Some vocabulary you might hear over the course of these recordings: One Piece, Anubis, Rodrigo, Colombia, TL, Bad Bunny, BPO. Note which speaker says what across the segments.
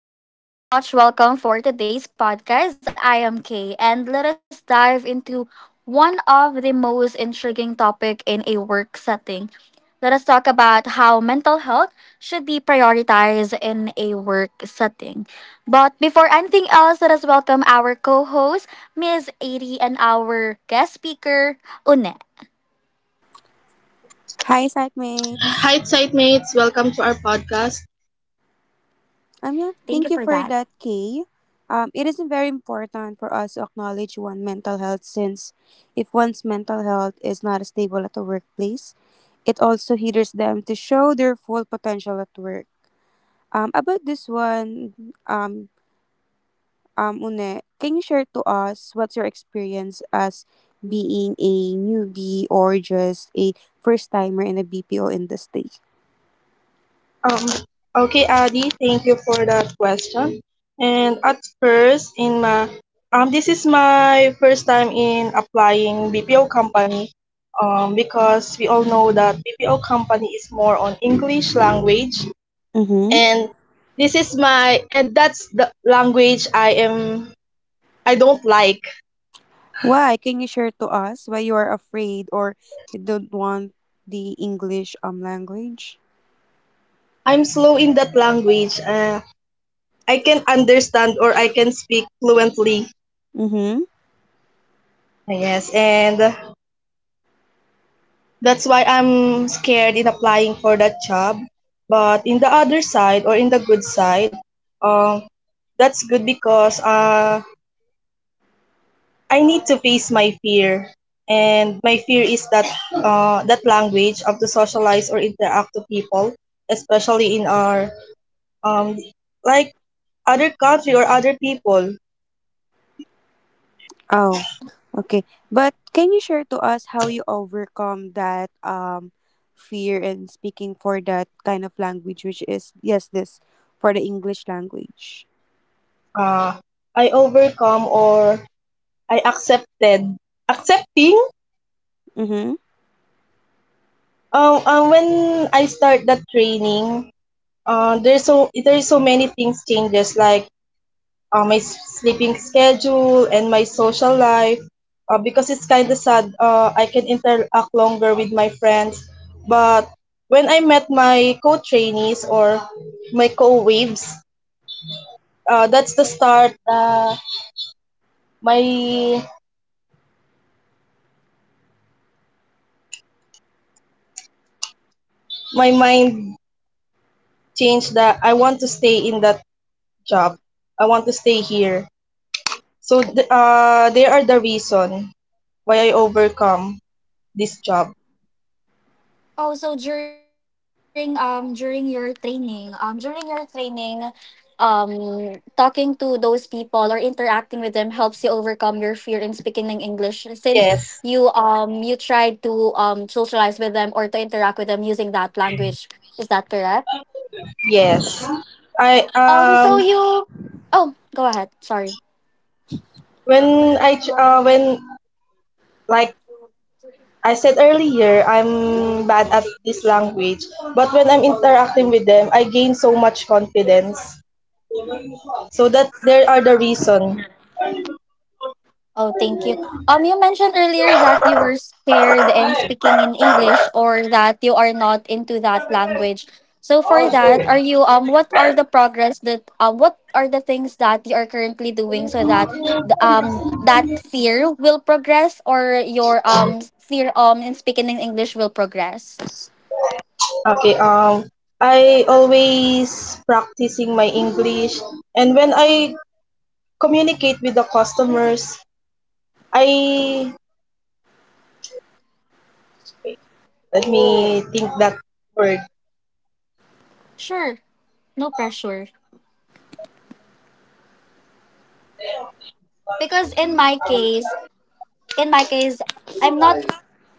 Speaker 1: mates. Very much welcome for today's podcast. I am Kay, and let us dive into one of the most intriguing topic in a work setting. Let us talk about how mental health should be prioritized in a work setting. But before anything else, let us welcome our co-host, Miss Adi, and our guest speaker, Une.
Speaker 2: Hi, mates. Welcome to our podcast.
Speaker 1: Thank you for that.
Speaker 2: Um, okay, Adi, thank you for that question. And at first, in my this is my first time in applying BPO company. Because we all know that BPO company is more on English language, and this is my and that's the language I don't like. I'm slow in that language. I can understand or I can speak fluently. Yes, and that's why I'm scared in applying for that job. But in the other side or in the good side, um, that's good because I need to face my fear, and my fear is that that language of to socialize or interact to people, especially in our um, like other country or other people. Uh, I overcome or I accepted accepting. When I start that training, there's so many things changes like my sleeping schedule and my social life. Because it's kind of sad, I can interact longer with my friends. But when I met my co-trainees or my co-waves, that's the start. My my mind changed that I want to stay in that job. I want to stay here. So they are the reason why I overcome this job.
Speaker 1: Oh, so during during your training, um talking to those people or interacting with them helps you overcome your fear in speaking in English, since you
Speaker 2: Yes,
Speaker 1: um you try to socialize with them or to interact with them using that language. Is that correct?
Speaker 2: yes. I
Speaker 1: So you Oh, go ahead. Sorry.
Speaker 2: When when, like I said earlier, I'm bad at this language, but when I'm interacting with them, I gain so much confidence. So that there are the reason.
Speaker 1: Oh, thank you. You mentioned earlier that you were scared in speaking in English or that you are not into that language. So for that, are you what are the progress that what are the things that you are currently doing so that that fear will progress, or your fear in speaking in English will progress?
Speaker 2: Okay. I always practicing my English, and when I communicate with the customers, I. Let me think that word.
Speaker 1: Sure, no pressure. Because in my case, I'm not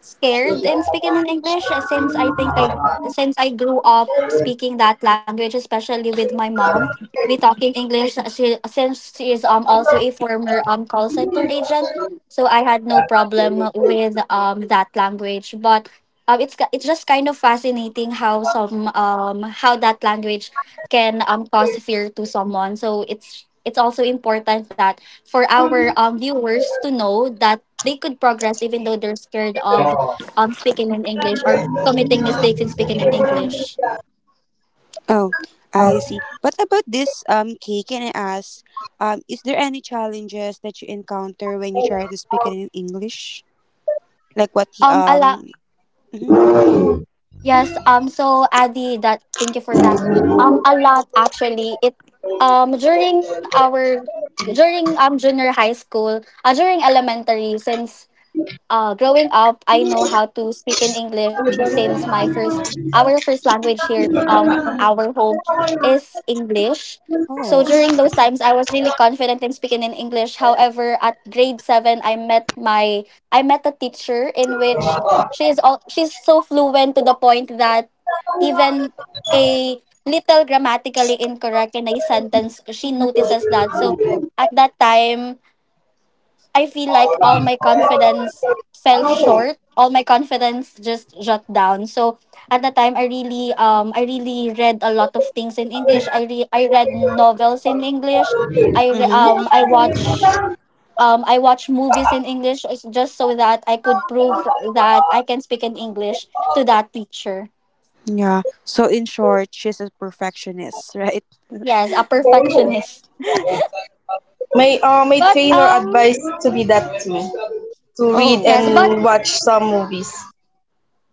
Speaker 1: scared in speaking in English, since I grew up speaking that language, especially with my mom. We talk in English, since she is also a former call center agent, so I had no problem with that language. But it's just kind of fascinating how some how that language can, cause fear to someone. So it's also important that for our viewers to know that they could progress even though they're scared of speaking in English or committing mistakes in speaking in English. A lot. Yes. So Adi, that thank you for that. A lot, actually. It During our during junior high school, during elementary, since growing up, I know how to speak in English since my first our first language here on our home is English. So during those times, I was really confident in speaking in English. However, at grade 7, I met a teacher in which she is all she's so fluent to the point that even a little grammatically incorrect in a sentence, she notices that. So at that time, I feel like all my confidence fell short. All my confidence just shut down. So at the time, I really read a lot of things in English. I read novels in English. I re- um I watch I watch movies in English is just so that I could prove that I can speak in English to that teacher. Yes, a perfectionist.
Speaker 2: My
Speaker 1: But
Speaker 2: trainer advised to be that too, to read
Speaker 1: yes,
Speaker 2: and watch some movies,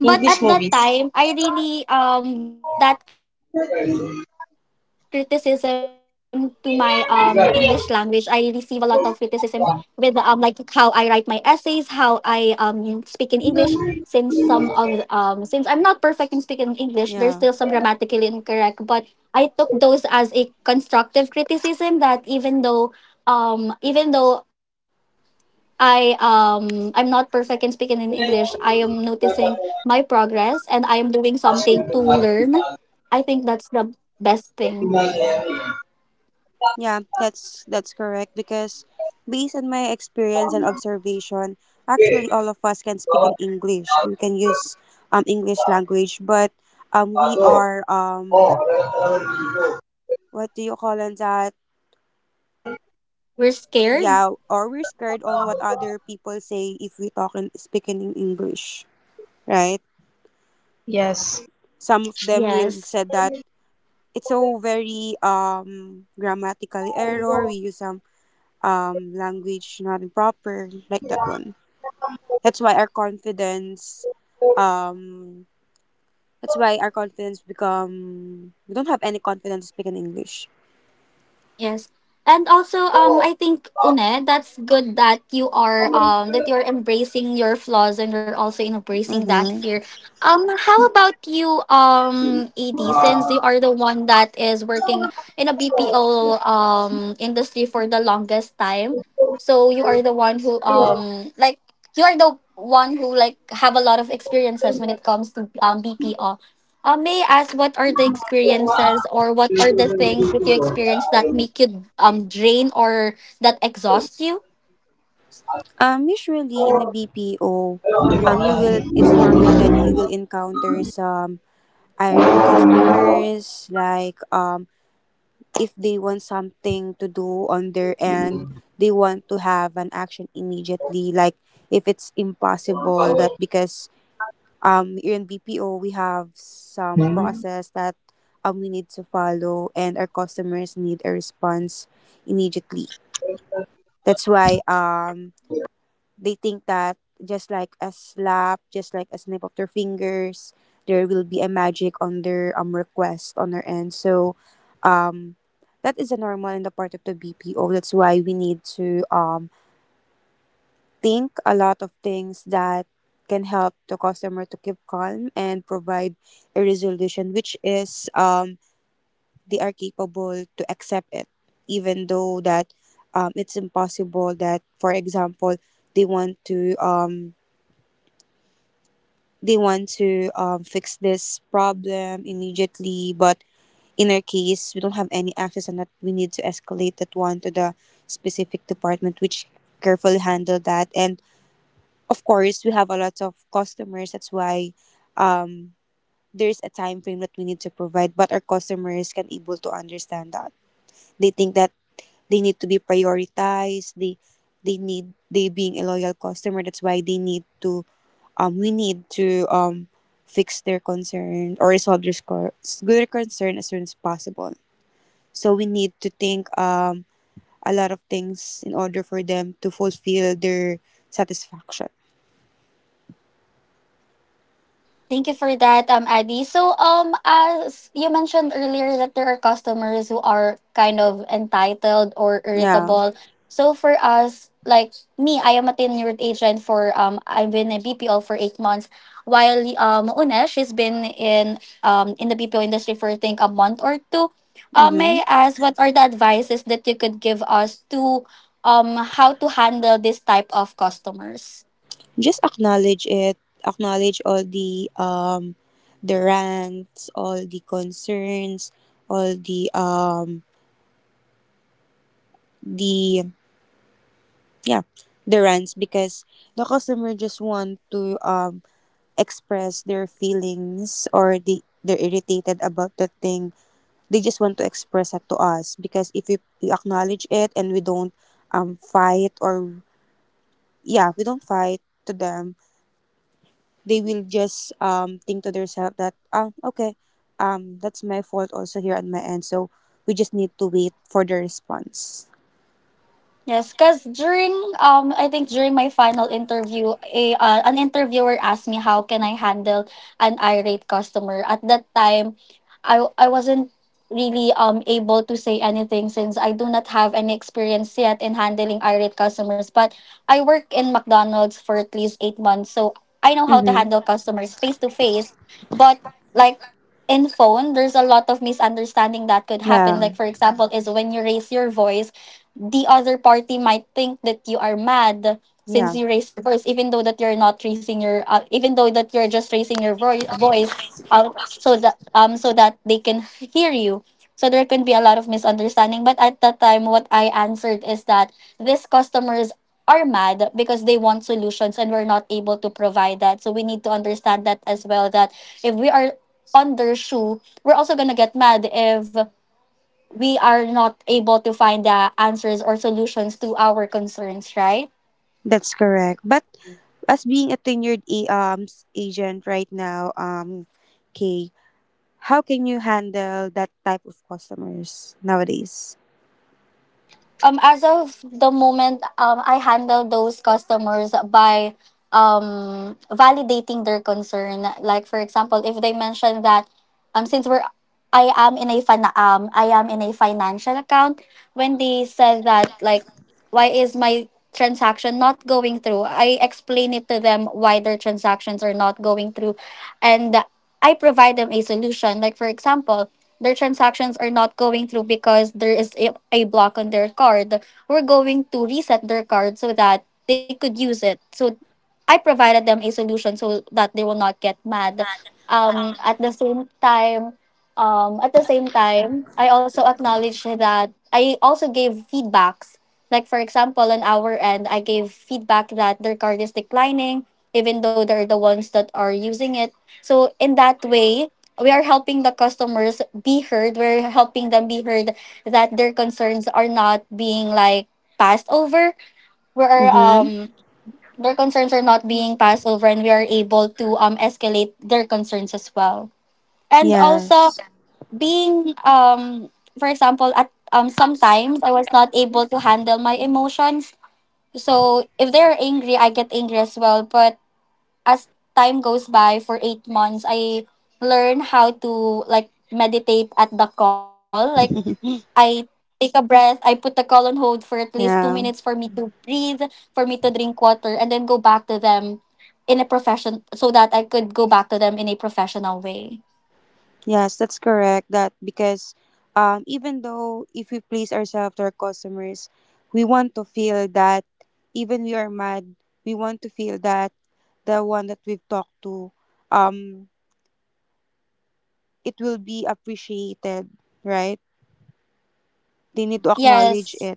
Speaker 1: but
Speaker 2: English
Speaker 1: at that
Speaker 2: movies.
Speaker 1: time, I really that criticism to my English language, I receive a lot of criticism with like how I write my essays, how I speak in English. Since some of Since I'm not perfect in speaking English, there's still some grammatically incorrect. But I took those as a constructive criticism that even though, I'm not perfect in speaking in English. I am noticing my progress and I am doing something to learn. I think that's the best thing. We're scared.
Speaker 2: Yes.
Speaker 1: Yes. Yes. And also, I think, Une, that's good that you are that you're embracing your flaws and you're also embracing that fear. How about you, Edie, since you are the one that is working in a BPO industry for the longest time. So you are the one who like you are the one who like have a lot of experiences when it comes to BPO. May I ask what are the experiences or what are the things that you experience that make you drain or that exhaust you? Thank you for that, Adi. So, as you mentioned earlier, that there are customers who are kind of entitled or irritable. So, for us, like me, I am a tenured agent for I've been a BPO for 8 months. While Una, she's been in the BPO industry for I think a month or two. May I ask what are the advices that you could give us to how to handle this type of customers? Yes, because during I think during my final interview, a an interviewer asked me how can I handle an irate customer. At that time, I wasn't really able to say anything since I do not have any experience yet in handling irate customers. But I work in McDonald's for at least 8 months, so I know how to handle customers face to face. But like in phone, there's a lot of misunderstanding that could happen. Like for example, is when you raise your voice, the other party might think that you are mad since you raised your voice, even though that you're not raising your even though that you're just raising your voice, so that so that they can hear you. So there can be a lot of misunderstanding, but at that time what I answered is that these customers are mad because they want solutions and we're not able to provide that, so we need to understand that as well, that if we are on their shoe, we're also going to get mad if we are not able to find the answers or solutions to our concerns, right? As of the moment, I handle those customers by validating their concern. Like for example, if they mention that since we're I am in a financial account, when they said that, like, why is my transaction not going through, I explain it to them why their transactions are not going through, and I provide them a solution. Like for example, their transactions are not going through because there is a block on their card. We're going to reset their card so that they could use it. So I provided them a solution so that they will not get mad. Um, at the same time, at the same time, I also acknowledged that I also gave feedbacks. Like for example, on our end, I gave feedback that their card is declining, even though they're the ones that are using it. So in that way, we are helping the customers be heard. We're helping them be heard that their concerns are not being like passed over. We're Their concerns are not being passed over, and we are able to escalate their concerns as well. And also, being for example at sometimes I was not able to handle my emotions. So if they're angry, I get angry as well. But as time goes by for 8 months, I learn how to like meditate at the call. Like, I take a breath, I put the call on hold for at least 2 minutes for me to breathe, for me to drink water, and then go back to them in a profession so that I could go back to them in a professional way. Yes.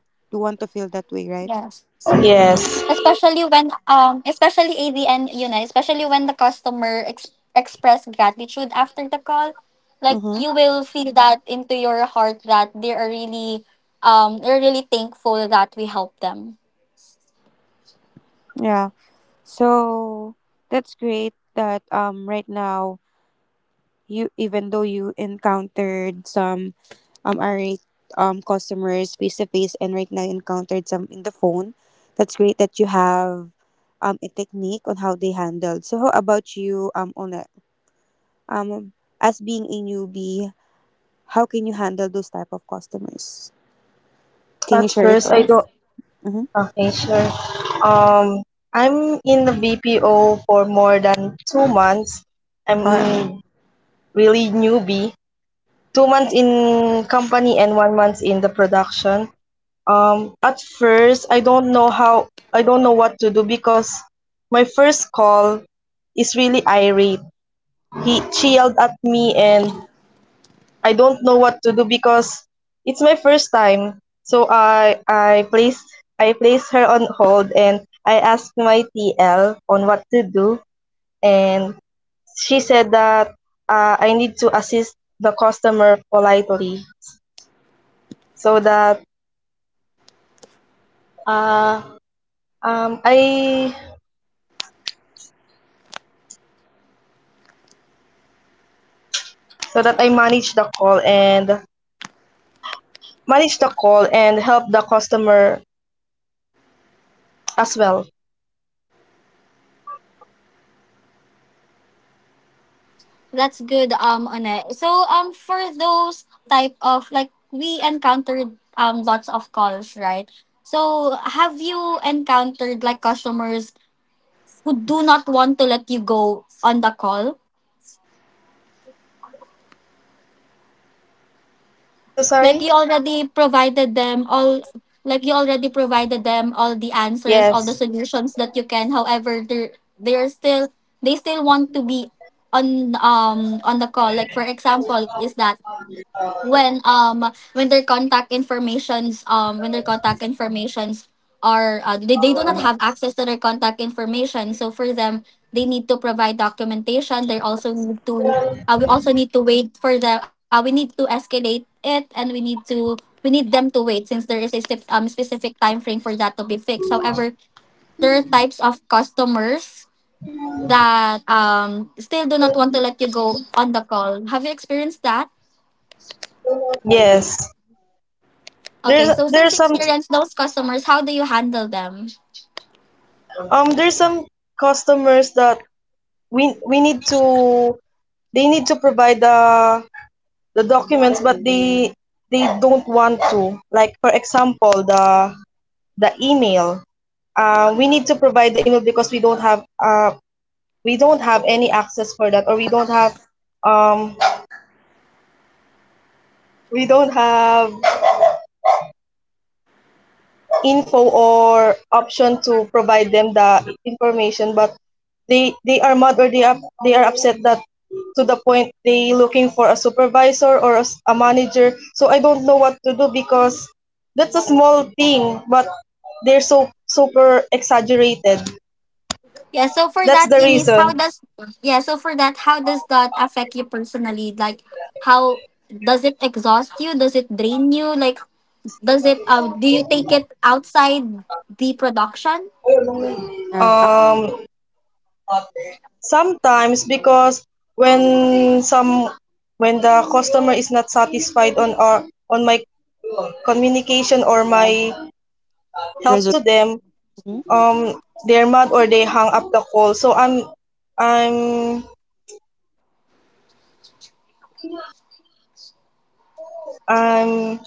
Speaker 1: Yes.
Speaker 2: Yes.
Speaker 1: Especially when especially ADN, especially when the customer express gratitude after the call, like you will feel that into your heart that they are really thankful that we help them.
Speaker 2: At first, I don't. Okay, sure. Um, I'm in the BPO for more than 2 months. I'm really newbie. 2 months in company and 1 month in the production. At first, I don't know what to do because my first call is really irate. She yelled at me and I don't know what to do because it's my first time. So I placed her on hold and I asked my TL on what to do, and she said that I need to assist the customer politely so that uh, I so that I manage the call and manage the call and help the customer as well.
Speaker 1: That's good. On so For those type of, like, we encountered lots of calls, right? So have you encountered, like, customers who do not want to let you go on the call?
Speaker 2: I'm so
Speaker 1: Like,
Speaker 2: sorry.
Speaker 1: you already provided them all the answers, all the
Speaker 2: Yes,
Speaker 1: solutions that you can, however they're still, they still want to be on the call. Like for example is that, when um when their contact informations, they do not have access to their contact information, so for them they need to provide documentation, they also need to we also need to wait for them, we need to escalate it, and we need them to wait since there is a specific time frame for that to be fixed. However, there are types of customers that still do not want to let you go on the call. Have you experienced that?
Speaker 2: yes. There's
Speaker 1: Okay, so since
Speaker 2: there's
Speaker 1: you
Speaker 2: some
Speaker 1: experience those customers, how do you handle them?
Speaker 2: there's some customers that we need to they need to provide the documents but they don't want to. Like for example the email. We need to provide the email because we don't have any access for that or um we don't have info or option to provide them the information but they are mad or they are upset that, to the point they looking for a supervisor or a, a manager, so I don't know what to do because that's a small thing but they're so super exaggerated.
Speaker 1: Yeah, so for
Speaker 2: That's
Speaker 1: that,
Speaker 2: the
Speaker 1: Eunice, how
Speaker 2: reason.
Speaker 1: does yeah, so for that, how does that affect you personally? Like, how does it exhaust you? Does it drain you? Like, does it? Do you take it outside the production?
Speaker 2: um Sometimes because when some when the customer is not satisfied on our on my communication or my help to them, um they're mad or they hung up the call, so i'm I'm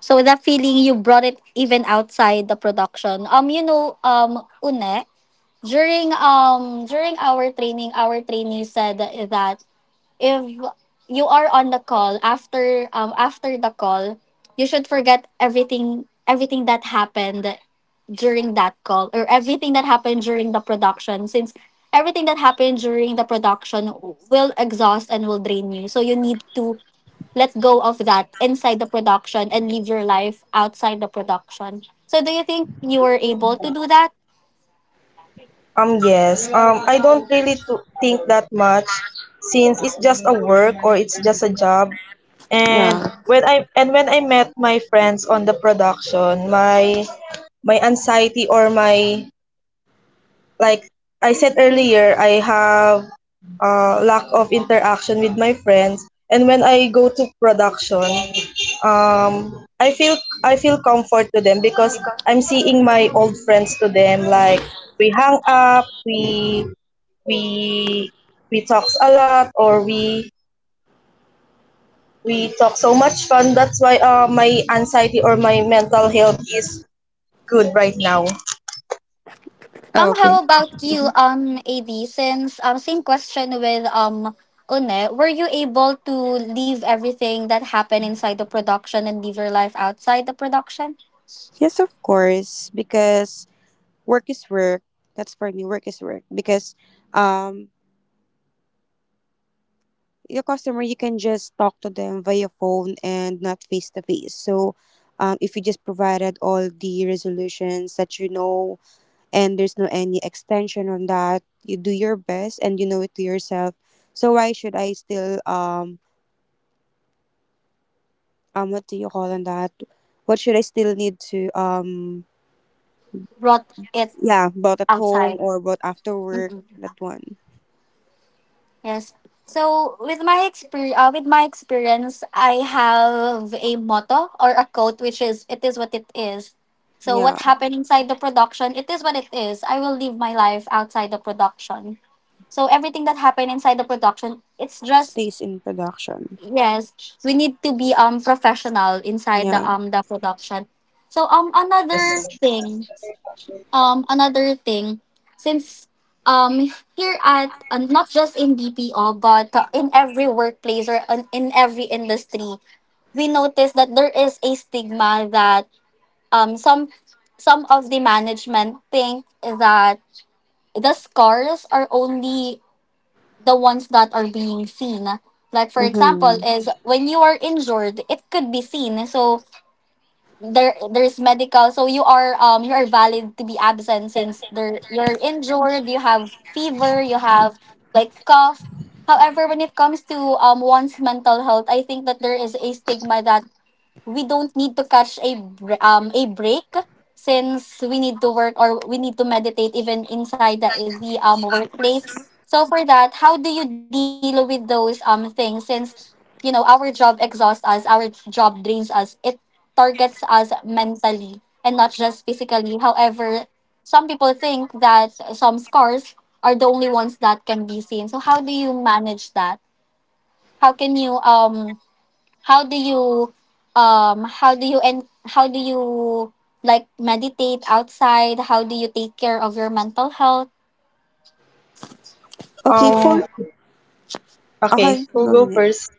Speaker 1: So that feeling you brought it even outside the production. Une, during during our training, our trainee said that if you are on the call after the call, you should forget everything that happened during that call or everything that happened during the production, since everything that happened during the production will exhaust and will drain you. So you need to let go of that inside the production and live your life outside the production. So do you think you were able to do that?
Speaker 2: yes. I don't really to think that much since it's just a work or it's just a job. And when I met my friends on the production, my anxiety or my, like I said earlier, I have lack of interaction with my friends, and when I go to production, um, I feel I feel comfort to them because I'm seeing my old friends to them. Like we hang up, we we we talks a lot, or we talk so much fun. That's why my anxiety or my mental health is good right now.
Speaker 1: How about you, AD? Since Same question with Une, were you able to leave everything that happened inside the production and live your life outside the production? Brought it outside. Yes. So with my experience, I have a motto or a quote which is "It is what it is." So what happened inside the production, it is what it is. I will live my life outside the production. So everything that happened inside the production, it's just. Yes, we need to be professional inside the production. So
Speaker 2: Yes.
Speaker 1: another thing, since here at not just in BPO but in every workplace or in every industry, we notice that there is a stigma that um some some of the management think that the scores are only the ones that are being seen. Like for example, is when you are injured, it could be seen. So there is medical. So you are valid to be absent since there you're injured. You have fever. You have like cough. However, when it comes to one's mental health, I think that there is a stigma that we don't need to a break since we need to work or we need to meditate even inside the workplace. So for that, how do you deal with those things? Since you know our job exhausts us, our job drains us. It targets us mentally and not just physically. However, some people think that some scars are the only ones that can be seen. So how do you manage that? How can you how do you how do you and how do you like meditate outside? How do you take care of your mental health?
Speaker 2: Um. Okay. Who go first?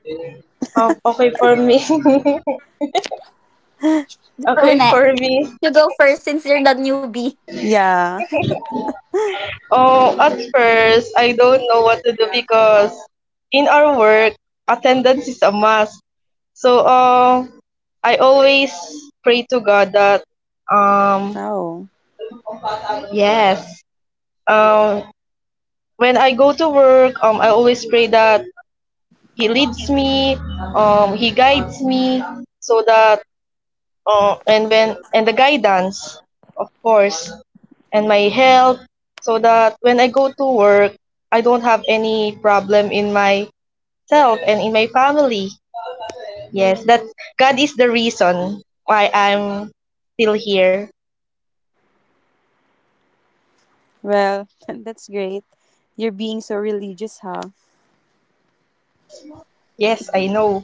Speaker 2: Okay for me.
Speaker 1: Go,
Speaker 2: Okay
Speaker 1: Une.
Speaker 2: for me.
Speaker 1: You go first since you're the newbie.
Speaker 2: Oh, at first, I don't know what to do because in our work, attendance is a must. So, I always pray to God that, um, yes, um, when I go to work, I always pray that He leads me, He guides me, so that, and when and the guidance, of course, and my health, so that when I go to work, I don't have any problem in myself and in my family. Yes, that God is the reason why I'm still here. Yes, I know.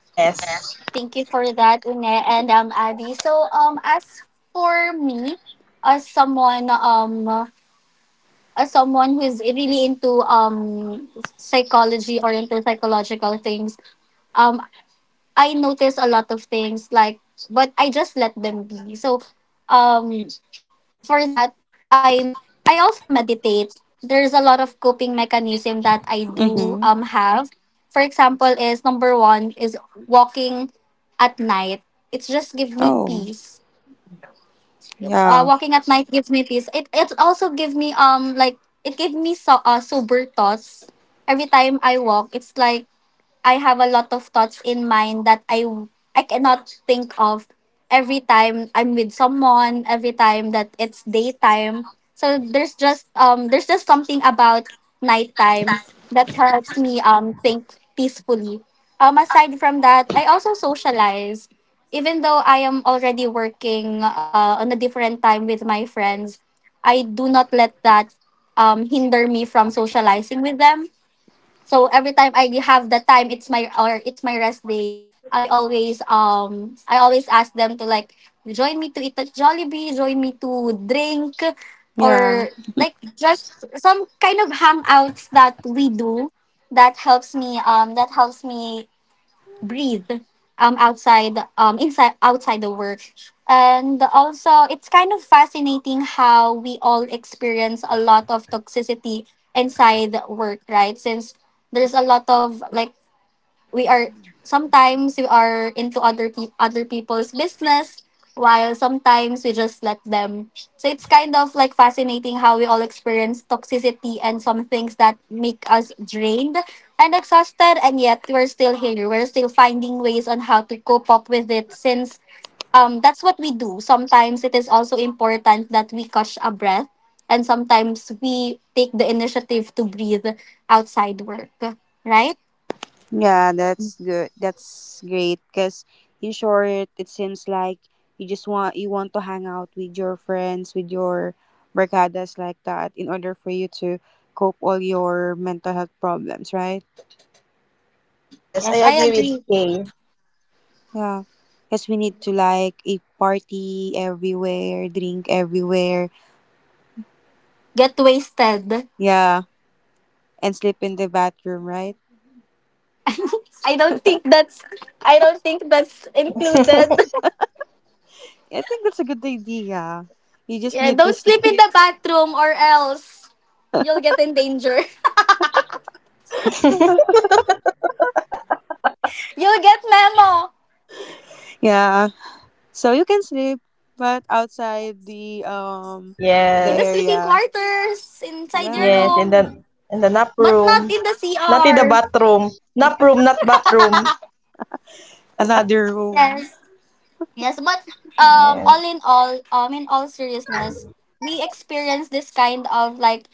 Speaker 2: Yes.
Speaker 1: Thank you for that, Une and Adi. So as for me, as someone who is really into psychology or into psychological things, um I notice a lot of things, like, but I just let them be. So um for that, I I also meditate. There's a lot of coping mechanism that I do have. For example, is number one is walking at night. It just give me peace. Walking at night gives me peace. It also give me like it gave me so sober thoughts. Every time I walk, it's like I have a lot of thoughts in mind that I cannot think of every time I'm with someone, every time that it's daytime. So there's just something about nighttime that helps me think peacefully. Aside from that, I also socialize. Even though I am already working on a different time with my friends, I do not let that hinder me from socializing with them. So every time I have the time, it's my rest day. I always ask them to like join me to eat at Jollibee, join me to drink, or like just some kind of hangouts that we do that helps me breathe outside the work. And also, it's kind of fascinating how we all experience a lot of toxicity inside work, right? Since there's a lot of like we are sometimes we are into other people's business while sometimes we just let them. So it's kind of like fascinating how we all experience toxicity and some things that make us drained and exhausted, and yet we're still here, we're still finding ways on how to cope up with it. Since that's what we do sometimes, it is also important that we catch a breath and sometimes we take the initiative to breathe outside work, right?
Speaker 2: Yes, I
Speaker 1: Yes, I
Speaker 2: agree with
Speaker 1: agree.
Speaker 2: Kay.
Speaker 1: Get wasted. I don't think that's I don't think that's included. Yeah, don't sleep in the bathroom or else you'll get in danger. You'll get memo in the
Speaker 2: Yes.
Speaker 1: sleeping quarters, inside your
Speaker 2: Yes, in the
Speaker 1: room,
Speaker 2: nap
Speaker 1: but not in
Speaker 2: room,
Speaker 1: the
Speaker 2: not in
Speaker 1: CR.
Speaker 2: the bathroom. Nap room, not bathroom.
Speaker 1: Yes. Yes, but
Speaker 2: Yeah.
Speaker 1: all in all, in all seriousness, we experience this kind of like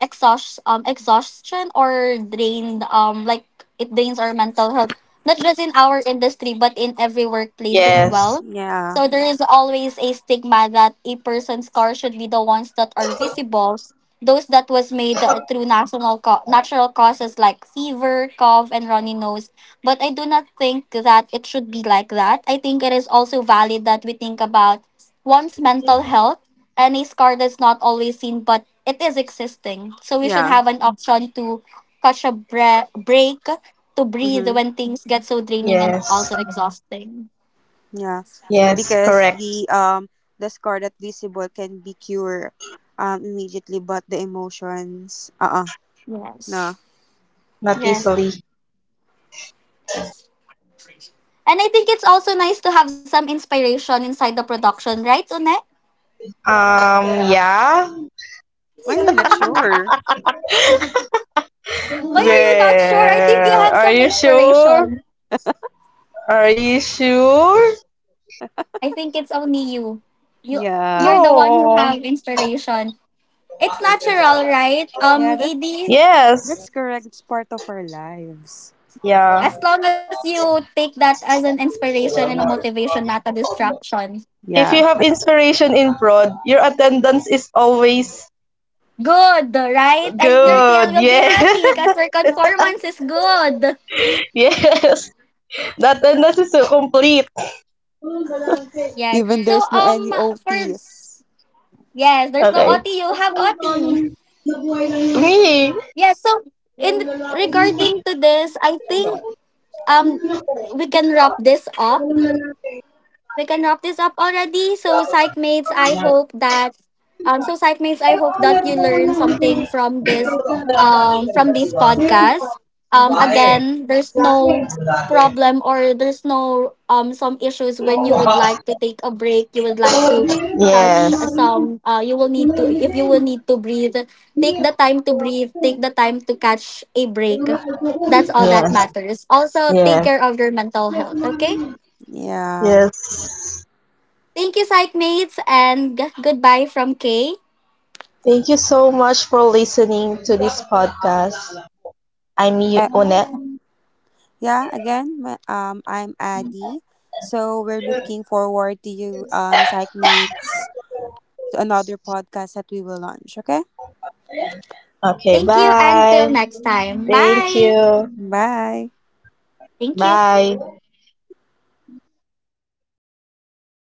Speaker 1: exhaustion or drained, like, it drains our mental health not just in our industry but in every workplace as
Speaker 2: Yes.
Speaker 1: well. So there is always a stigma that a person's car should be the ones that are visible, those that was made through natural causes, like fever, cough, and runny nose. But I do not think that it should be like that. I think it is also valid that we think about one's mental health. Any scar that's not always seen, but it is existing. So we should have an option to break, to breathe when things get so draining and also
Speaker 2: Yes.
Speaker 1: exhausting.
Speaker 2: Yes, correct.
Speaker 1: Yes.
Speaker 2: Not
Speaker 1: Yes.
Speaker 2: easily.
Speaker 1: And I think it's also nice to have some inspiration inside the production, right, Une?
Speaker 2: Um yeah.
Speaker 1: Why are you not sure? I think you
Speaker 2: Where
Speaker 1: have
Speaker 2: are
Speaker 1: some
Speaker 2: you sure?
Speaker 1: inspiration.
Speaker 2: Are you sure?
Speaker 1: I think it's only you. You you're the one who
Speaker 2: No.
Speaker 1: have inspiration. It's natural, right? AD,
Speaker 2: Yes. Yeah.
Speaker 1: as long as you take that as an inspiration and a motivation, not a distraction.
Speaker 2: If you have inspiration in prod, your attendance is always
Speaker 1: Good, right? And your TL
Speaker 2: good.
Speaker 1: will be
Speaker 2: Yes.
Speaker 1: happy because your conformance is good.
Speaker 2: Yes. The attendance is so complete.
Speaker 1: Yes. So for yes, there's no
Speaker 2: Okay.
Speaker 1: OT, you have OT.
Speaker 2: Me.
Speaker 1: Yes, so in regarding to this, I think um we can wrap this up. We can wrap this up already. So, psych mates, I hope that so psych mates, I hope that you learn something from this podcast. Again, there's no problem or there's no some issues when you would like to take a break. You would like to touch
Speaker 2: Yes.
Speaker 1: some. You will need to if you will need to breathe. Take the time to breathe. Take the time to catch a break. That's all that
Speaker 2: Yes.
Speaker 1: matters. Also, take
Speaker 2: Yes.
Speaker 1: care of your mental health. Okay.
Speaker 2: Yes.
Speaker 1: Thank you, psych mates, and goodbye from Kay.
Speaker 2: Thank you so much for listening to this podcast. I'm Onet. Okay,
Speaker 1: Thank you
Speaker 2: bye.
Speaker 1: until next time.
Speaker 2: Thank
Speaker 1: Bye.
Speaker 2: you.
Speaker 1: Thank you.
Speaker 2: Bye.